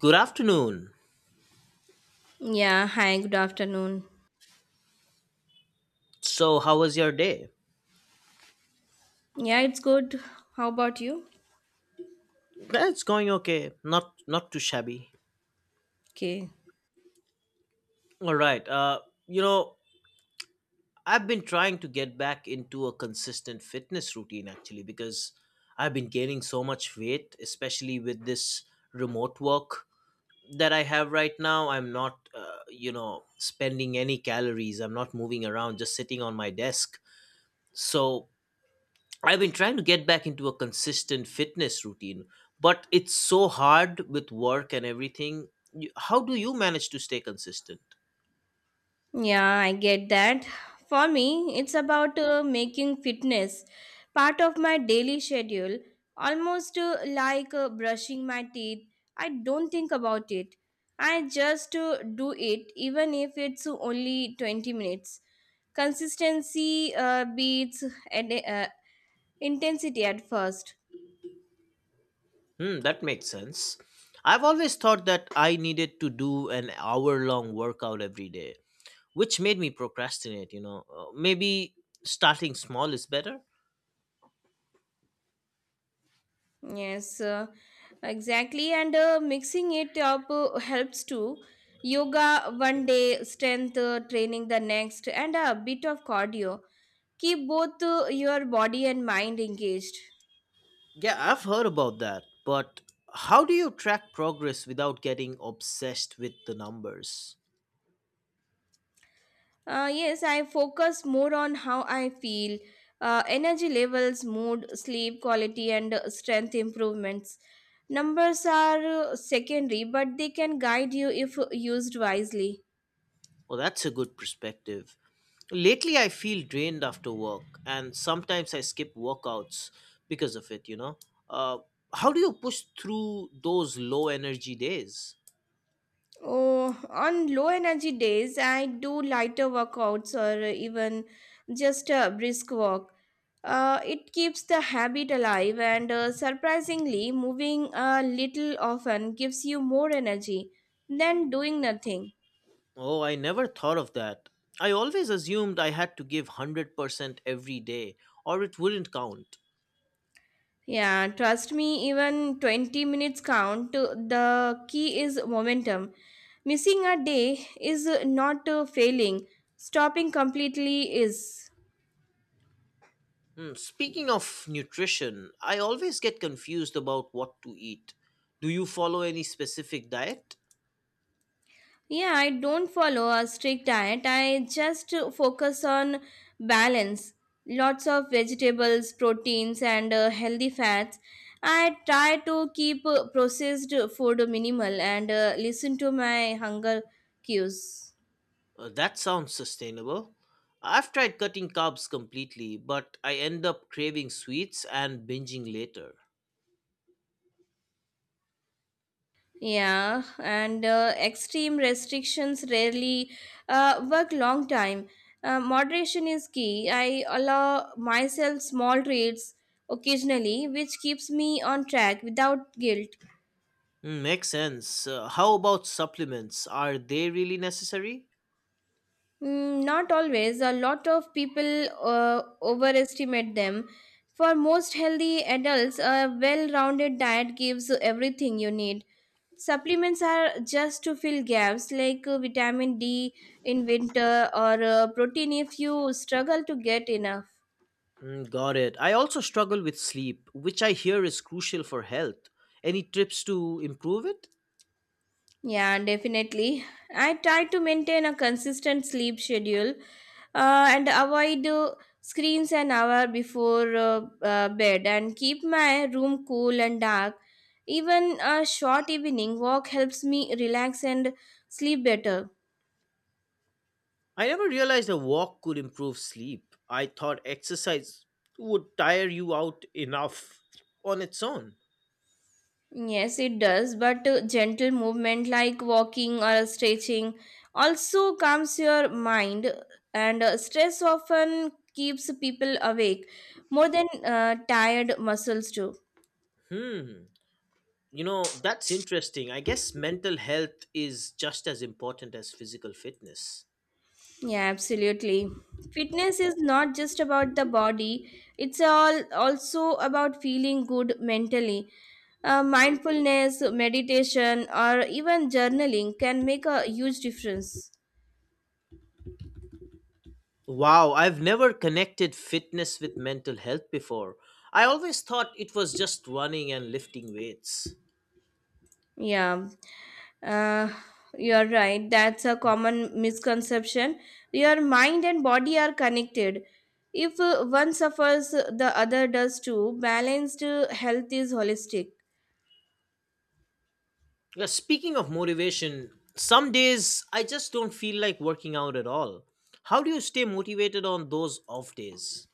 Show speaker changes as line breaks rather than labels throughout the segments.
Good afternoon.
Yeah, hi, good afternoon.
So, how was your day?
Yeah, it's good. How about you?
That's going okay. Not too shabby.
Okay.
All right. You know, I've been trying to get back into a consistent fitness routine actually because I've been gaining so much weight, especially with this remote work that I have right now. I'm not spending any calories. I'm not moving around, just sitting on my desk. So I've been trying to get back into a consistent fitness routine, but it's so hard with work and everything. How do you manage to stay consistent?
Yeah, I get that. For me, it's about making fitness part of my daily schedule, almost like brushing my teeth. I don't think about it. I just do it, even if it's only 20 minutes. Consistency beats ad- uh, intensity at first.
Hmm, that makes sense. I've always thought that I needed to do an hour long workout every day, which made me procrastinate, you know. Maybe starting small is better?
Yes, exactly. And mixing it up helps too. Yoga one day, strength training the next, and a bit of cardio. Keep both your body and mind engaged.
Yeah, I've heard about that, but how do you track progress without getting obsessed with the numbers?
Yes, I focus more on how I feel, energy levels, mood, sleep quality, and strength improvements. Numbers are secondary, but they can guide you if used wisely.
Well, that's a good perspective. Lately, I feel drained after work, and sometimes I skip workouts because of it, you know. Uh, how do you push through those low energy days?
Oh, on low energy days, I do lighter workouts or even just a brisk walk. It keeps the habit alive, and surprisingly, moving a little often gives you more energy than doing nothing.
Oh, I never thought of that. I always assumed I had to give 100% every day, or it wouldn't count.
Yeah, trust me, even 20 minutes count. The key is momentum. Missing a day is not failing, stopping completely is.
Hmm, speaking of nutrition, I always get confused about what to eat. Do you follow any specific diet?
Yeah, I don't follow a strict diet. I just focus on balance. Lots of vegetables, proteins, and healthy fats. I try to keep processed food minimal and listen to my hunger cues.
That sounds sustainable. I've tried cutting carbs completely, but I end up craving sweets and binging later.
Yeah, and extreme restrictions rarely work long time. Moderation is key. I allow myself small treats occasionally, which keeps me on track without guilt.
Mm, makes sense. How about supplements? Are they really necessary?
Mm, not always. A lot of people overestimate them. For most healthy adults, a well rounded diet gives you everything you need. Supplements are just to fill gaps like vitamin D in winter or protein if you struggle to get enough.
Mm, got it. I also struggle with sleep, which I hear is crucial for health. Any tips to improve it?
Yeah, definitely. I try to maintain a consistent sleep schedule and avoid screens an hour before bed and keep my room cool and dark. Even a short evening walk helps me relax and sleep better.
I never realized a walk could improve sleep. I thought exercise would tire you out enough on its own.
Yes, it does, but gentle movement like walking or stretching also calms your mind, and stress often keeps people awake more than tired muscles do.
Hmm. You know, that's interesting. I guess mental health is just as important as physical fitness.
Yeah, absolutely. Fitness is not just about the body, it's all also about feeling good mentally. Mindfulness, meditation, or even journaling can make a huge difference.
Wow, I've never connected fitness with mental health before. I always thought it was just running and lifting weights.
Yeah, uh, you're right. That's a common misconception. Your mind and body are connected. If one suffers, the other does too. Balanced health is holistic.
Yeah, speaking of motivation, some days I just don't feel like working out at all. How do you stay motivated on those off days?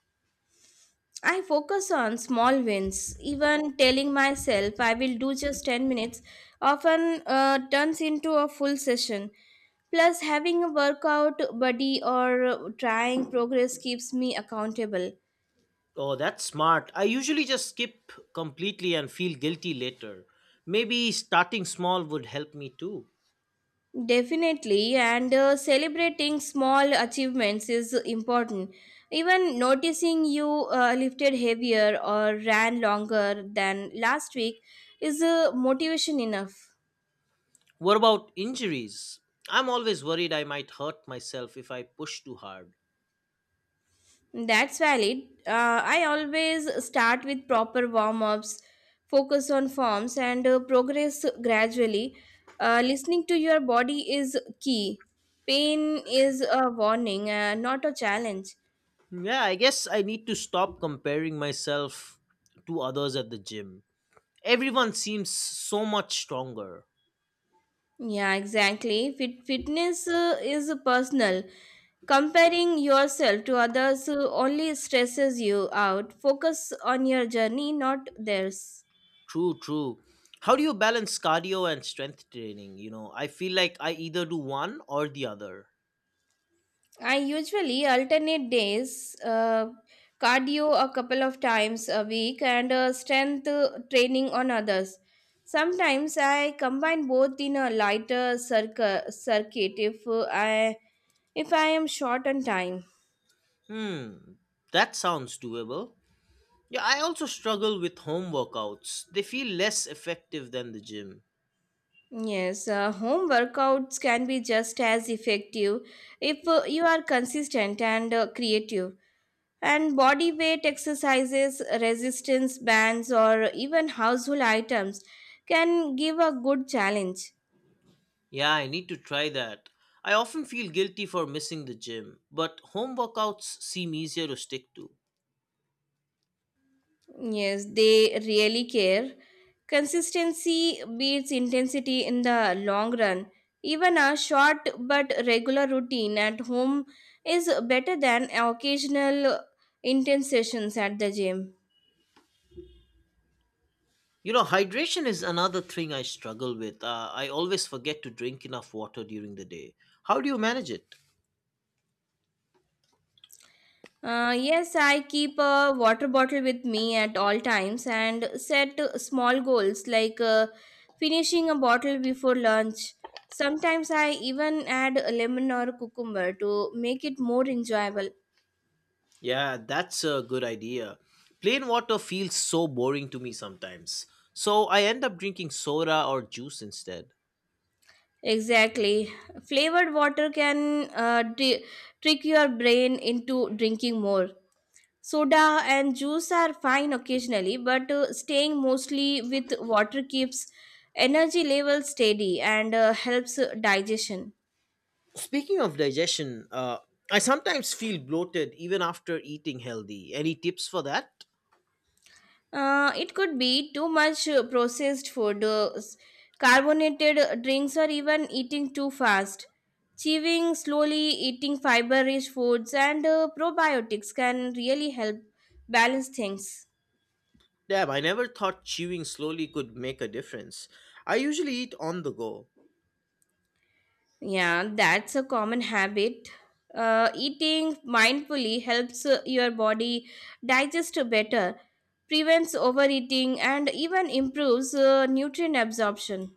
I focus on small wins. Even telling myself I will do just 10 minutes often turns into a full session. Plus, having a workout buddy or trying progress keeps me accountable.
Oh, that's smart. I usually just skip completely and feel guilty later. Maybe starting small would help me too.
Definitely, and celebrating small achievements is important. Even noticing you lifted heavier or ran longer than last week is a motivation enough.
What about injuries? I'm always worried I might hurt myself if I push too hard.
That's valid. I always start with proper warm ups, focus on forms, and progress gradually. Listening to your body is key. Pain is a warning, not a challenge.
Yeah, I guess I need to stop comparing myself to others at the gym. Everyone seems so much stronger.
Yeah, exactly. Fitness is personal. Comparing yourself to others only stresses you out. Focus on your journey, not theirs.
True, true. How do you balance cardio and strength training? You know, I feel like I either do one or the other.
I usually alternate days, cardio a couple of times a week, and strength training on others. Sometimes I combine both in a lighter circuit if I if I am short on time.
Hmm, that sounds doable. Yeah, I also struggle with home workouts. They feel less effective than the gym.
Yes, home workouts can be just as effective if you are consistent and creative. And body weight exercises, resistance bands, or even household items can give a good challenge.
Yeah, I need to try that. I often feel guilty for missing the gym, but home workouts seem easier to stick to.
Yes, they really care. Consistency beats intensity in the long run. Even a short but regular routine at home is better than occasional intense sessions at the gym.
You know, hydration is another thing I struggle with. I always forget to drink enough water during the day. How do you manage it?
Yes, I keep a water bottle with me at all times and set small goals like finishing a bottle before lunch. Sometimes I even add a lemon or cucumber to make it more enjoyable.
Yeah, that's a good idea. Plain water feels so boring to me sometimes, so I end up drinking soda or juice instead.
Exactly. Flavored water can trick your brain into drinking more. Soda and juice are fine occasionally, but staying mostly with water keeps energy levels steady and helps digestion.
Speaking of digestion, I sometimes feel bloated even after eating healthy. Any tips for that?
It could be too much processed food, carbonated drinks, or even eating too fast. Chewing slowly, eating fiber rich foods, and probiotics can really help balance things.
Damn, I never thought chewing slowly could make a difference. I usually eat on the go.
Yeah, that's a common habit. Eating mindfully helps your body digest better, prevents overeating, and even improves nutrient absorption.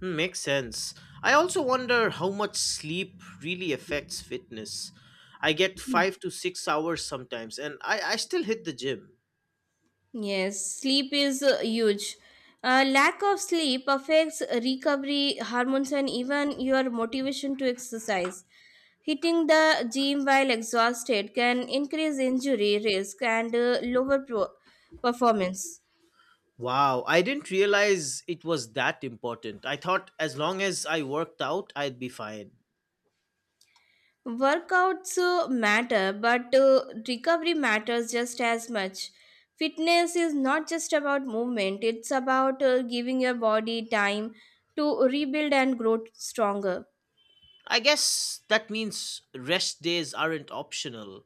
Hmm, makes sense. I also wonder how much sleep really affects fitness. I get
Hmm.
5 to 6 hours sometimes, and I still hit the gym.
Yes, sleep is huge. Lack of sleep affects recovery hormones and even your motivation to exercise. Hitting the gym while exhausted can increase injury risk and lower performance.
Wow, I didn't realize it was that important. I thought as long as I worked out, I'd be fine.
Workouts matter, but recovery matters just as much. Fitness is not just about movement, it's about giving your body time to rebuild and grow stronger.
I guess that means rest days aren't optional.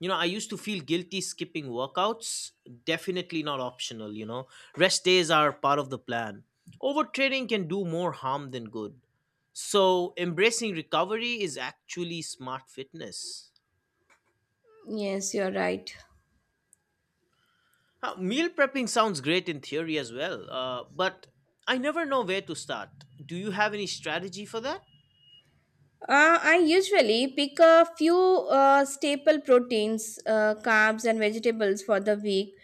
You know, I used to feel guilty skipping workouts. Definitely not optional, you know. Rest days are part of the plan. Overtraining can do more harm than good. So, embracing recovery is actually smart fitness.
Yes, you're right.
Meal prepping sounds great in theory as well, but I never know where to start. Do you have any strategy for that?
I usually pick a few staple proteins, carbs, and vegetables for the week.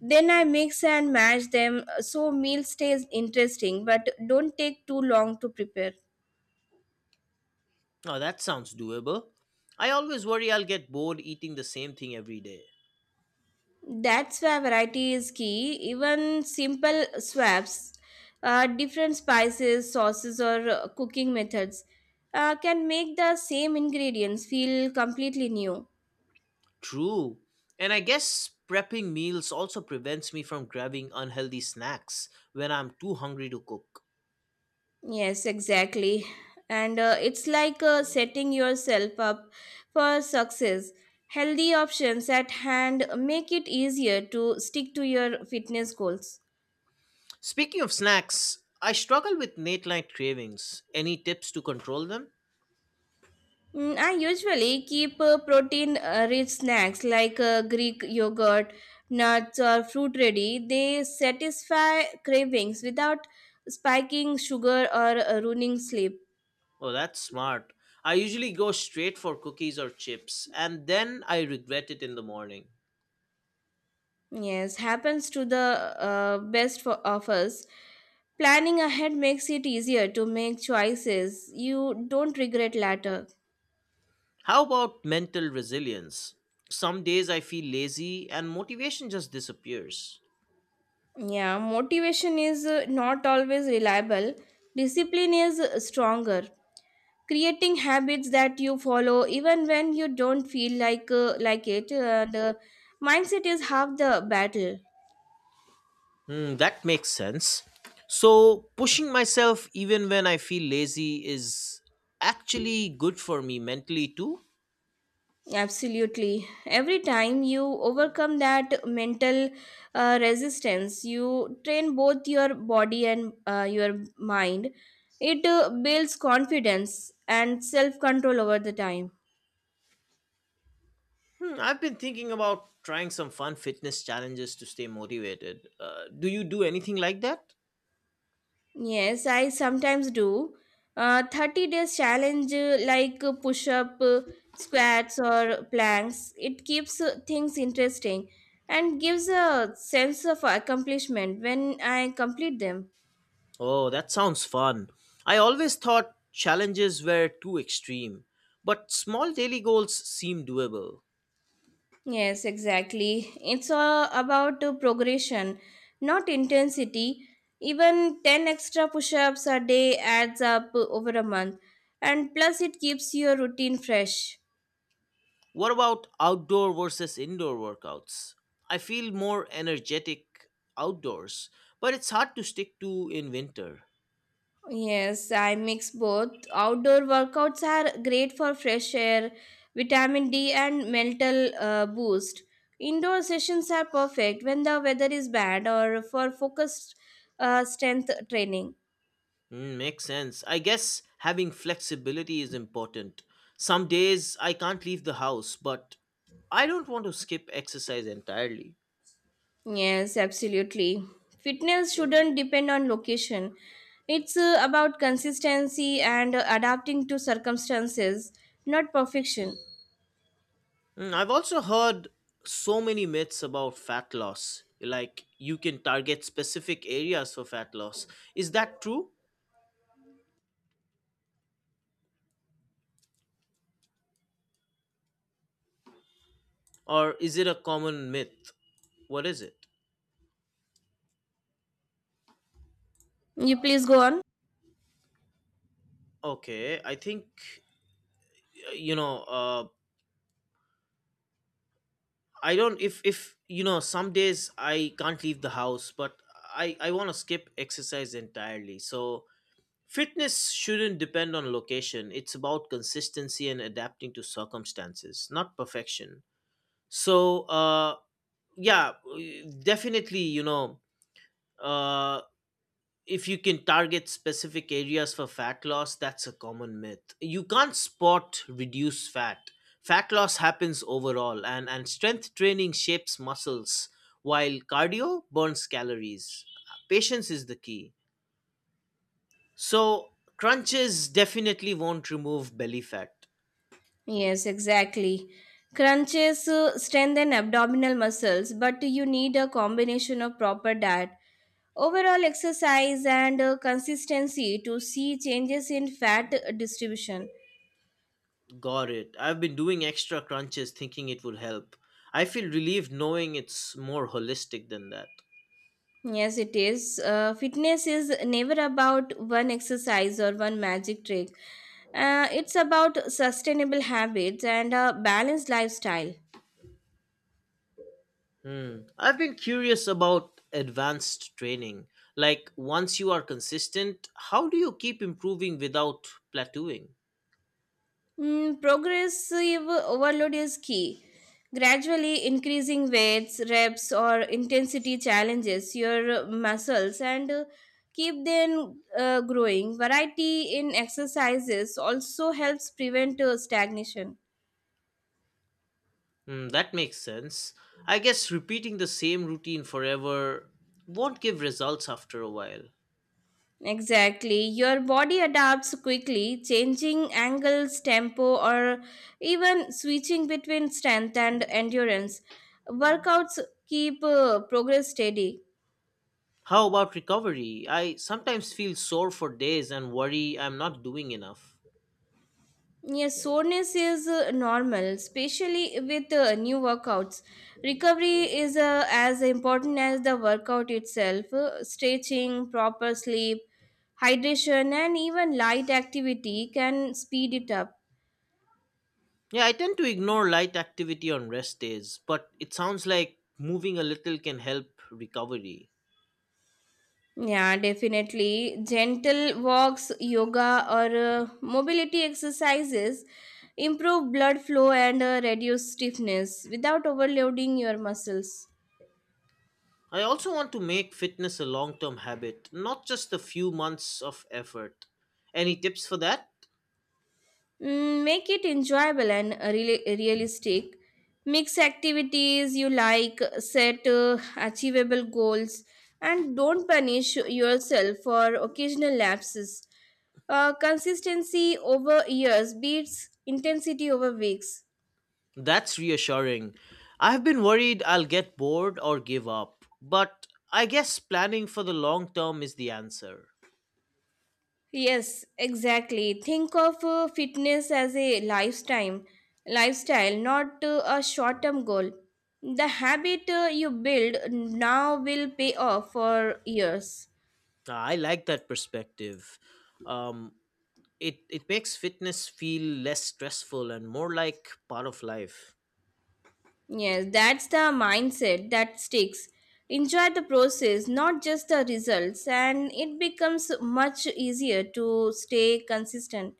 Then I mix and match them so meal stays interesting but don't take too long to prepare.
Oh, that sounds doable. I always worry I'll get bored eating the same thing every day.
That's why variety is key. Even simple swaps, different spices, sauces, or cooking methods can make the same ingredients feel completely new.
True. And I guess prepping meals also prevents me from grabbing unhealthy snacks when I'm too hungry to cook.
Yes, exactly. And it's like setting yourself up for success. Healthy options at hand make it easier to stick to your fitness goals.
Speaking of snacks, I struggle with late night cravings. Any tips to control them?
Mm, I usually keep protein rich snacks like Greek yogurt, nuts, or fruit ready. They satisfy cravings without spiking sugar or ruining sleep.
Oh, that's smart. I usually go straight for cookies or chips, and then I regret it in the morning.
Yes, happens to the best for of us. Planning ahead makes it easier to make choices you don't regret later.
How about mental resilience? Some days I feel lazy and motivation just disappears.
Yeah, motivation is not always reliable, discipline is stronger. Creating habits that you follow even when you don't feel like it, the mindset is half the battle.
Hmm, that makes sense. So, pushing myself even when I feel lazy is actually good for me mentally too.
Absolutely, every time you overcome that mental resistance, you train both your body and your mind. It builds confidence and self control over the time.
Hmm, I've been thinking about trying some fun fitness challenges to stay motivated. Do you do anything like that?
Yes, I sometimes do. 30 days challenge like push up, squats, or planks. It keeps things interesting and gives a sense of accomplishment when I complete them.
Oh, that sounds fun. I always thought challenges were too extreme, but small daily goals seem doable.
Yes, exactly. It's all about progression, not intensity. Even 10 extra push ups a day adds up over a month, and plus, it keeps your routine fresh.
What about outdoor versus indoor workouts? I feel more energetic outdoors, but it's hard to stick to in winter.
Yes, I mix both. Outdoor workouts are great for fresh air, vitamin D, and mental boost. Indoor sessions are perfect when the weather is bad or for focused strength training.
Mm, makes sense. I guess having flexibility is important. Some days I can't leave the house, but I don't want to skip exercise entirely.
Yes, absolutely. Fitness shouldn't depend on location. It's about consistency and adapting to circumstances, not perfection.
Mm, I've also heard so many myths about fat loss. Like you can target specific areas for fat loss. Is that true? Or is it a common myth? What is it?
You please go on.
Okay, I think uh, you know uh, I don't if you know some days I can't leave the house but I want to skip exercise entirely so fitness shouldn't depend on location it's about consistency and adapting to circumstances not perfection so yeah definitely you know uh if you can target specific areas for fat loss, that's a common myth. You can't spot reduce fat. Fat loss happens overall, and strength training shapes muscles, while cardio burns calories. Patience is the key. So, crunches definitely won't remove belly fat.
Yes, exactly. Crunches strengthen abdominal muscles, but you need a combination of proper diet, overall exercise, and consistency to see changes in fat distribution.
Got it. I've been doing extra crunches thinking it would help. I feel relieved knowing it's more holistic than that.
Yes, it is. Fitness is never about one exercise or one magic trick. It's about sustainable habits and a balanced lifestyle.
Hmm. I've been curious about advanced training. Like, once you are consistent, how do you keep improving without plateauing?
Mm, progressive overload is key. Gradually increasing weights, reps, or intensity challenges your muscles and keep them growing. Variety in exercises also helps prevent stagnation.
Hmm, that makes sense. I guess repeating the same routine forever won't give results after a while.
Exactly. Your body adapts quickly, changing angles, tempo, or even switching between strength and endurance. Workouts keep progress steady.
How about recovery? I sometimes feel sore for days and worry I'm not doing enough.
Yes, soreness is normal, especially with new workouts. Recovery is as important as the workout itself. Stretching, proper sleep, hydration, and even light activity can speed it up.
Yeah, I tend to ignore light activity on rest days, but it sounds like moving a little can help recovery.
Yeah, definitely. Gentle walks, yoga, or mobility exercises improve blood flow and reduce stiffness without overloading your muscles.
I also want to make fitness a long term habit, not just a few months of effort. Any tips for that?
Mm, make it enjoyable and realistic. Mix activities you like, set achievable goals, and don't punish yourself for occasional lapses. Consistency over years beats intensity over weeks.
That's reassuring. I've been worried I'll get bored or give up, but I guess planning for the long term is the answer.
Yes, exactly. Think of fitness as a lifetime, lifestyle, not a short-term goal. The habit you build now will pay off for years.
I like that perspective. Um, it makes fitness feel less stressful and more like part of life.
Yes, that's the mindset that sticks. Enjoy the process, not just the results, and it becomes much easier to stay consistent.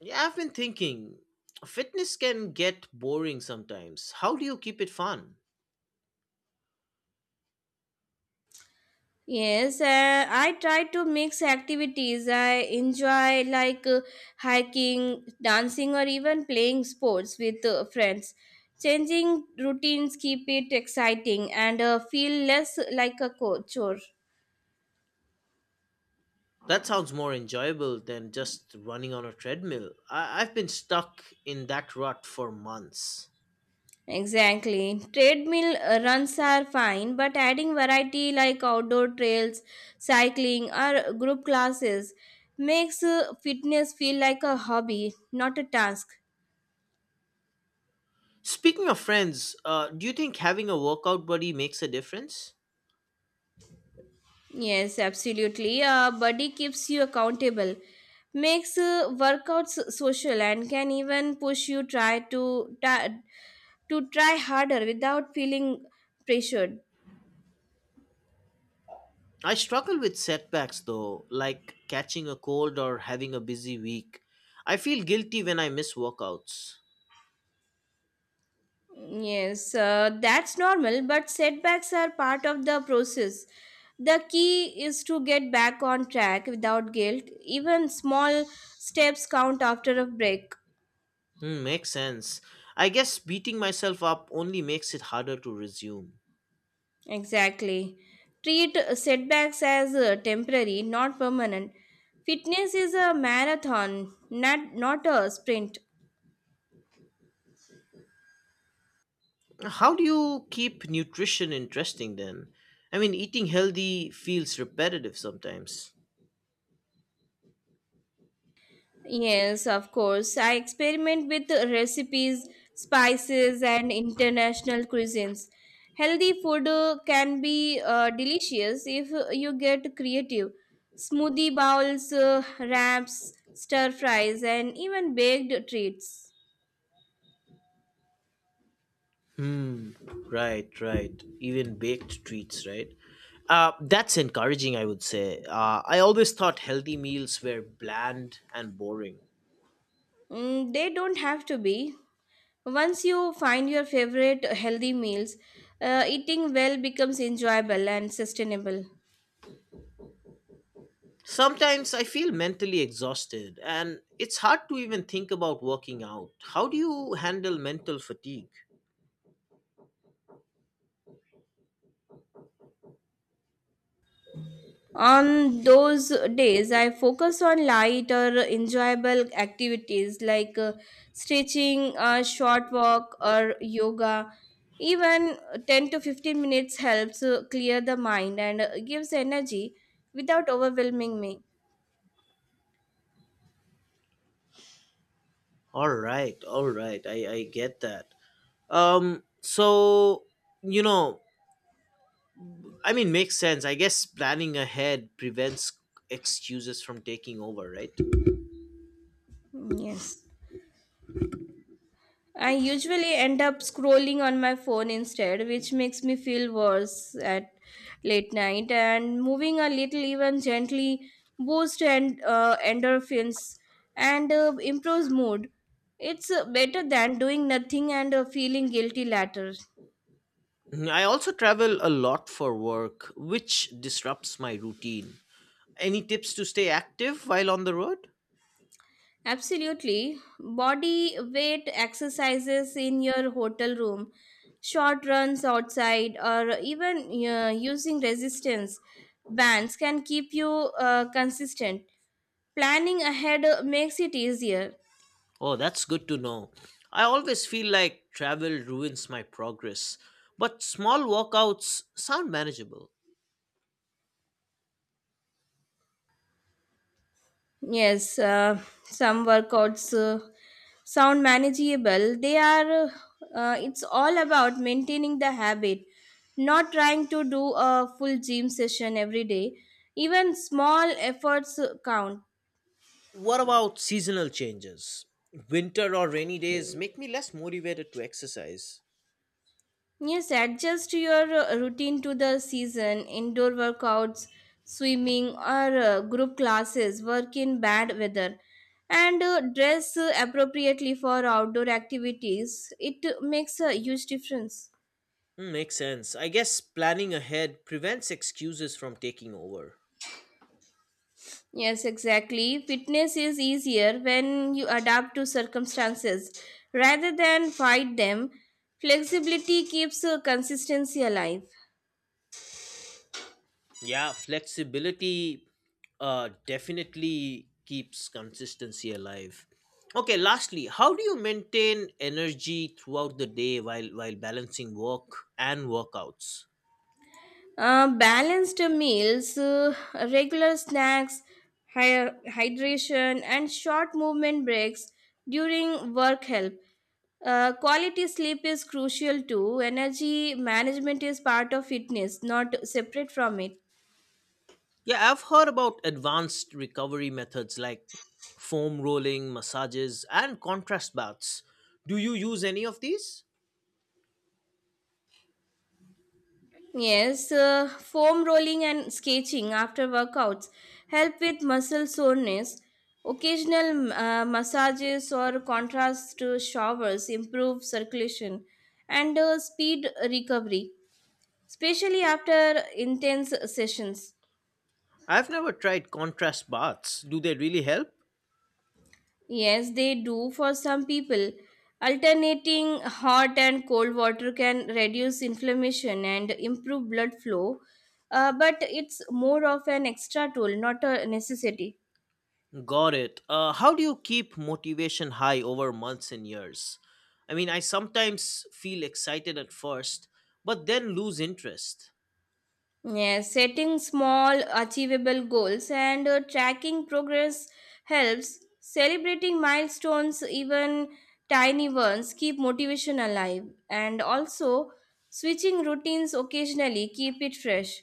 Yeah, I've been thinking fitness can get boring sometimes. How do you keep it fun?
Yes, I try to mix activities I enjoy, like hiking, dancing, or even playing sports with friends. Changing routines keep it exciting and feel less like a chore.
That sounds more enjoyable than just running on a treadmill. I've been stuck in that rut for months.
Exactly. Treadmill runs are fine, but adding variety like outdoor trails, cycling, or group classes makes fitness feel like a hobby, not a task.
Speaking of friends, do you think having a workout buddy makes a difference?
Yes, absolutely. A buddy keeps you accountable, makes workouts social, and can even push you try to try harder without feeling pressured.
I struggle with setbacks though, like catching a cold or having a busy week. I feel guilty when I miss workouts.
Yes, that's normal, but setbacks are part of the process. The key is to get back on track without guilt. Even small steps count after a break.
Hmm, makes sense. I guess beating myself up only makes it harder to resume.
Exactly. Treat setbacks as temporary, not permanent. Fitness is a marathon, not a sprint.
How do you keep nutrition interesting then? I mean, eating healthy feels repetitive sometimes.
Yes, of course. I experiment with recipes, spices, and international cuisines. Healthy food can be delicious if you get creative. Smoothie bowls, wraps, stir fries, and even baked treats.
Hmm. Right, right. Even baked treats, right? That's encouraging, I would say. I always thought healthy meals were bland and boring.
Mm, they don't have to be. Once you find your favorite healthy meals, eating well becomes enjoyable and sustainable.
Sometimes I feel mentally exhausted, and it's hard to even think about working out. How do you handle mental fatigue?
On those days, I focus on light or enjoyable activities like stretching, a short walk, or yoga. Even 10 to 15 minutes helps clear the mind and gives energy without overwhelming me.
All right, all right. I get that. Um, so you know, Makes sense. I guess planning ahead prevents excuses from taking over, right?
Mm, yes. I usually end up scrolling on my phone instead, which makes me feel worse at late night. And moving a little, even gently, boosts and endorphins and improves mood. It's better than doing nothing and feeling guilty later.
Mm, I also travel a lot for work, which disrupts my routine. Any tips to stay active while on the road?
Absolutely. Body weight exercises in your hotel room, short runs outside, or even using resistance bands can keep you consistent. Planning ahead makes it easier.
Oh, that's good to know. I always feel like travel ruins my progress, but small walkouts sound manageable.
Yes, some workouts sound manageable. They are, it's all about maintaining the habit, not trying to do a full gym session every day. Even small efforts count.
What about seasonal changes? Winter or rainy days make me less motivated to exercise.
Yes, adjust your routine to the season. Indoor workouts, swimming, or group classes work in bad weather. And dress appropriately for outdoor activities. It makes a huge difference.
Mm, makes sense. I guess planning ahead prevents excuses from taking over.
Yes, exactly. Fitness is easier when you adapt to circumstances rather than fight them. Flexibility keeps consistency alive.
Yeah, flexibility definitely keeps consistency alive. Okay, lastly, how do you maintain energy throughout the day while balancing work and workouts?
Balanced meals, regular snacks, hydration, and short movement breaks during work help. Quality sleep is crucial too. Energy management is part of fitness, not separate from it.
Yeah, I've heard about advanced recovery methods like foam rolling, massages, and contrast baths. Do you use any of these?
Yes, foam rolling and sketching after workouts help with muscle soreness. Occasional massages or contrast showers improve circulation and speed recovery, especially after intense sessions.
I've never tried contrast baths. Do they really help?
Yes, they do for some people. Alternating hot and cold water can reduce inflammation and improve blood flow, but it's more of an extra tool, not a necessity.
Got it. How do you keep motivation high over months and years? I mean, I sometimes feel excited at first, but then lose interest.
Yeah, setting small, achievable goals and tracking progress helps. Celebrating milestones, even tiny ones, keep motivation alive. And also, switching routines occasionally keep it fresh.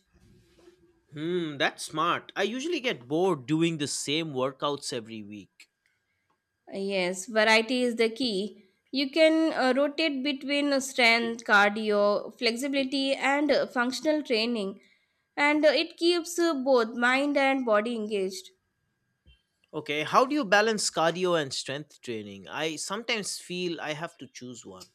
Hmm, that's smart. I usually get bored doing the same workouts every week.
Yes, variety is the key. You can rotate between strength, cardio, flexibility, and functional training, and it keeps both mind and body engaged.
Okay, how do you balance cardio and strength training? I sometimes feel I have to choose one.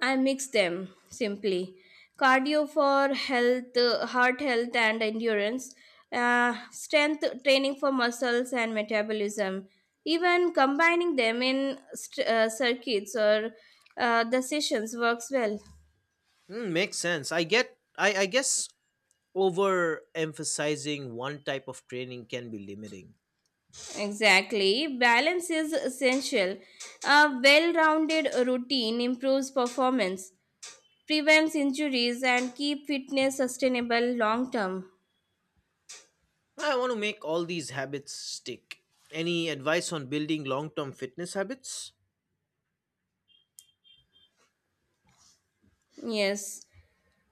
I mix them simply. Cardio for health, heart health and endurance. Strength training for muscles and metabolism. Even combining them in circuits or the sessions works well.
Hmm, makes sense. I guess overemphasizing one type of training can be limiting.
Exactly. Balance is essential. A well rounded routine improves performance, prevents injuries, and keep fitness sustainable long term.
I want to make all these habits stick. Any advice on building long term fitness habits?
Yes.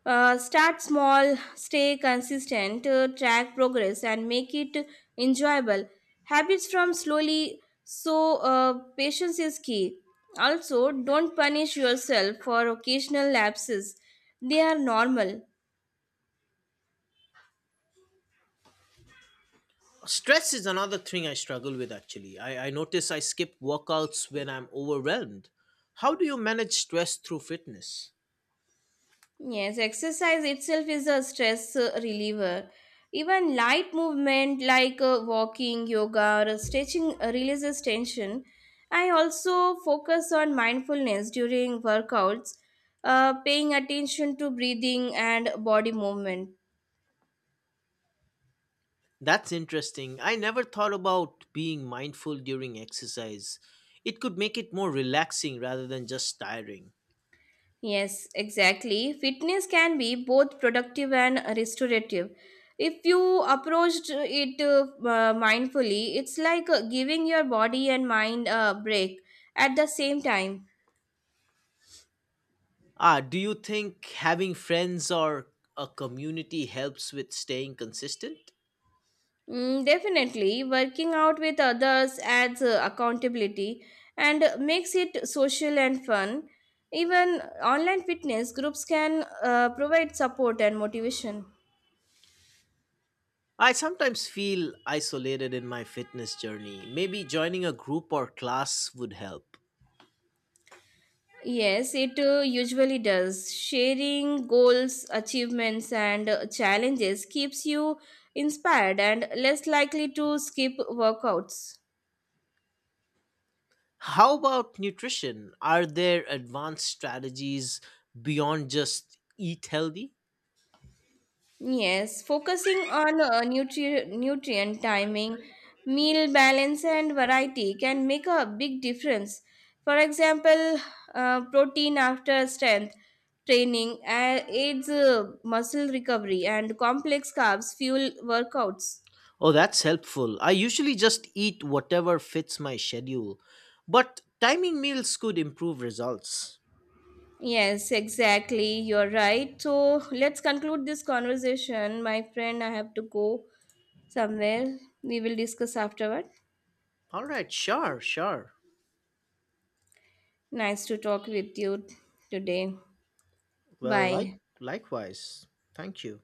Start small, stay consistent, track progress, and make it enjoyable. Habits from slowly, so patience is key. Also, don't punish yourself for occasional lapses, they are normal.
Stress is another thing I struggle with actually. I notice I skip workouts when I'm overwhelmed. How do you manage stress through fitness?
Yes, exercise itself is a stress reliever. Even light movement like walking, yoga, or stretching releases tension. I also focus on mindfulness during workouts, paying attention to breathing and body movement.
That's interesting. I never thought about being mindful during exercise. It could make it more relaxing rather than just tiring.
Yes, exactly. Fitness can be both productive and restorative. If you approached it mindfully, it's like giving your body and mind a break at the same time.
Ah, do you think having friends or a community helps with staying consistent?
Mm, definitely, working out with others adds accountability and makes it social and fun. Even online fitness groups can provide support and motivation.
I sometimes feel isolated in my fitness journey. Maybe joining a group or class would help.
Yes, it usually does. Sharing goals, achievements, and challenges keeps you inspired and less likely to skip workouts.
How about nutrition? Are there advanced strategies beyond just eat healthy?
Yes, focusing on nutrient timing, meal balance, and variety can make a big difference. For example, protein after strength training aids muscle recovery, and complex carbs fuel workouts.
Oh, that's helpful. I usually just eat whatever fits my schedule, but timing meals could improve results.
Yes, exactly. You're right. So let's conclude this conversation. My friend, I have to go somewhere. We will discuss afterward.
All right, sure, sure.
Nice to talk with you today.
Well, like
Bye.
likewise. Thank you.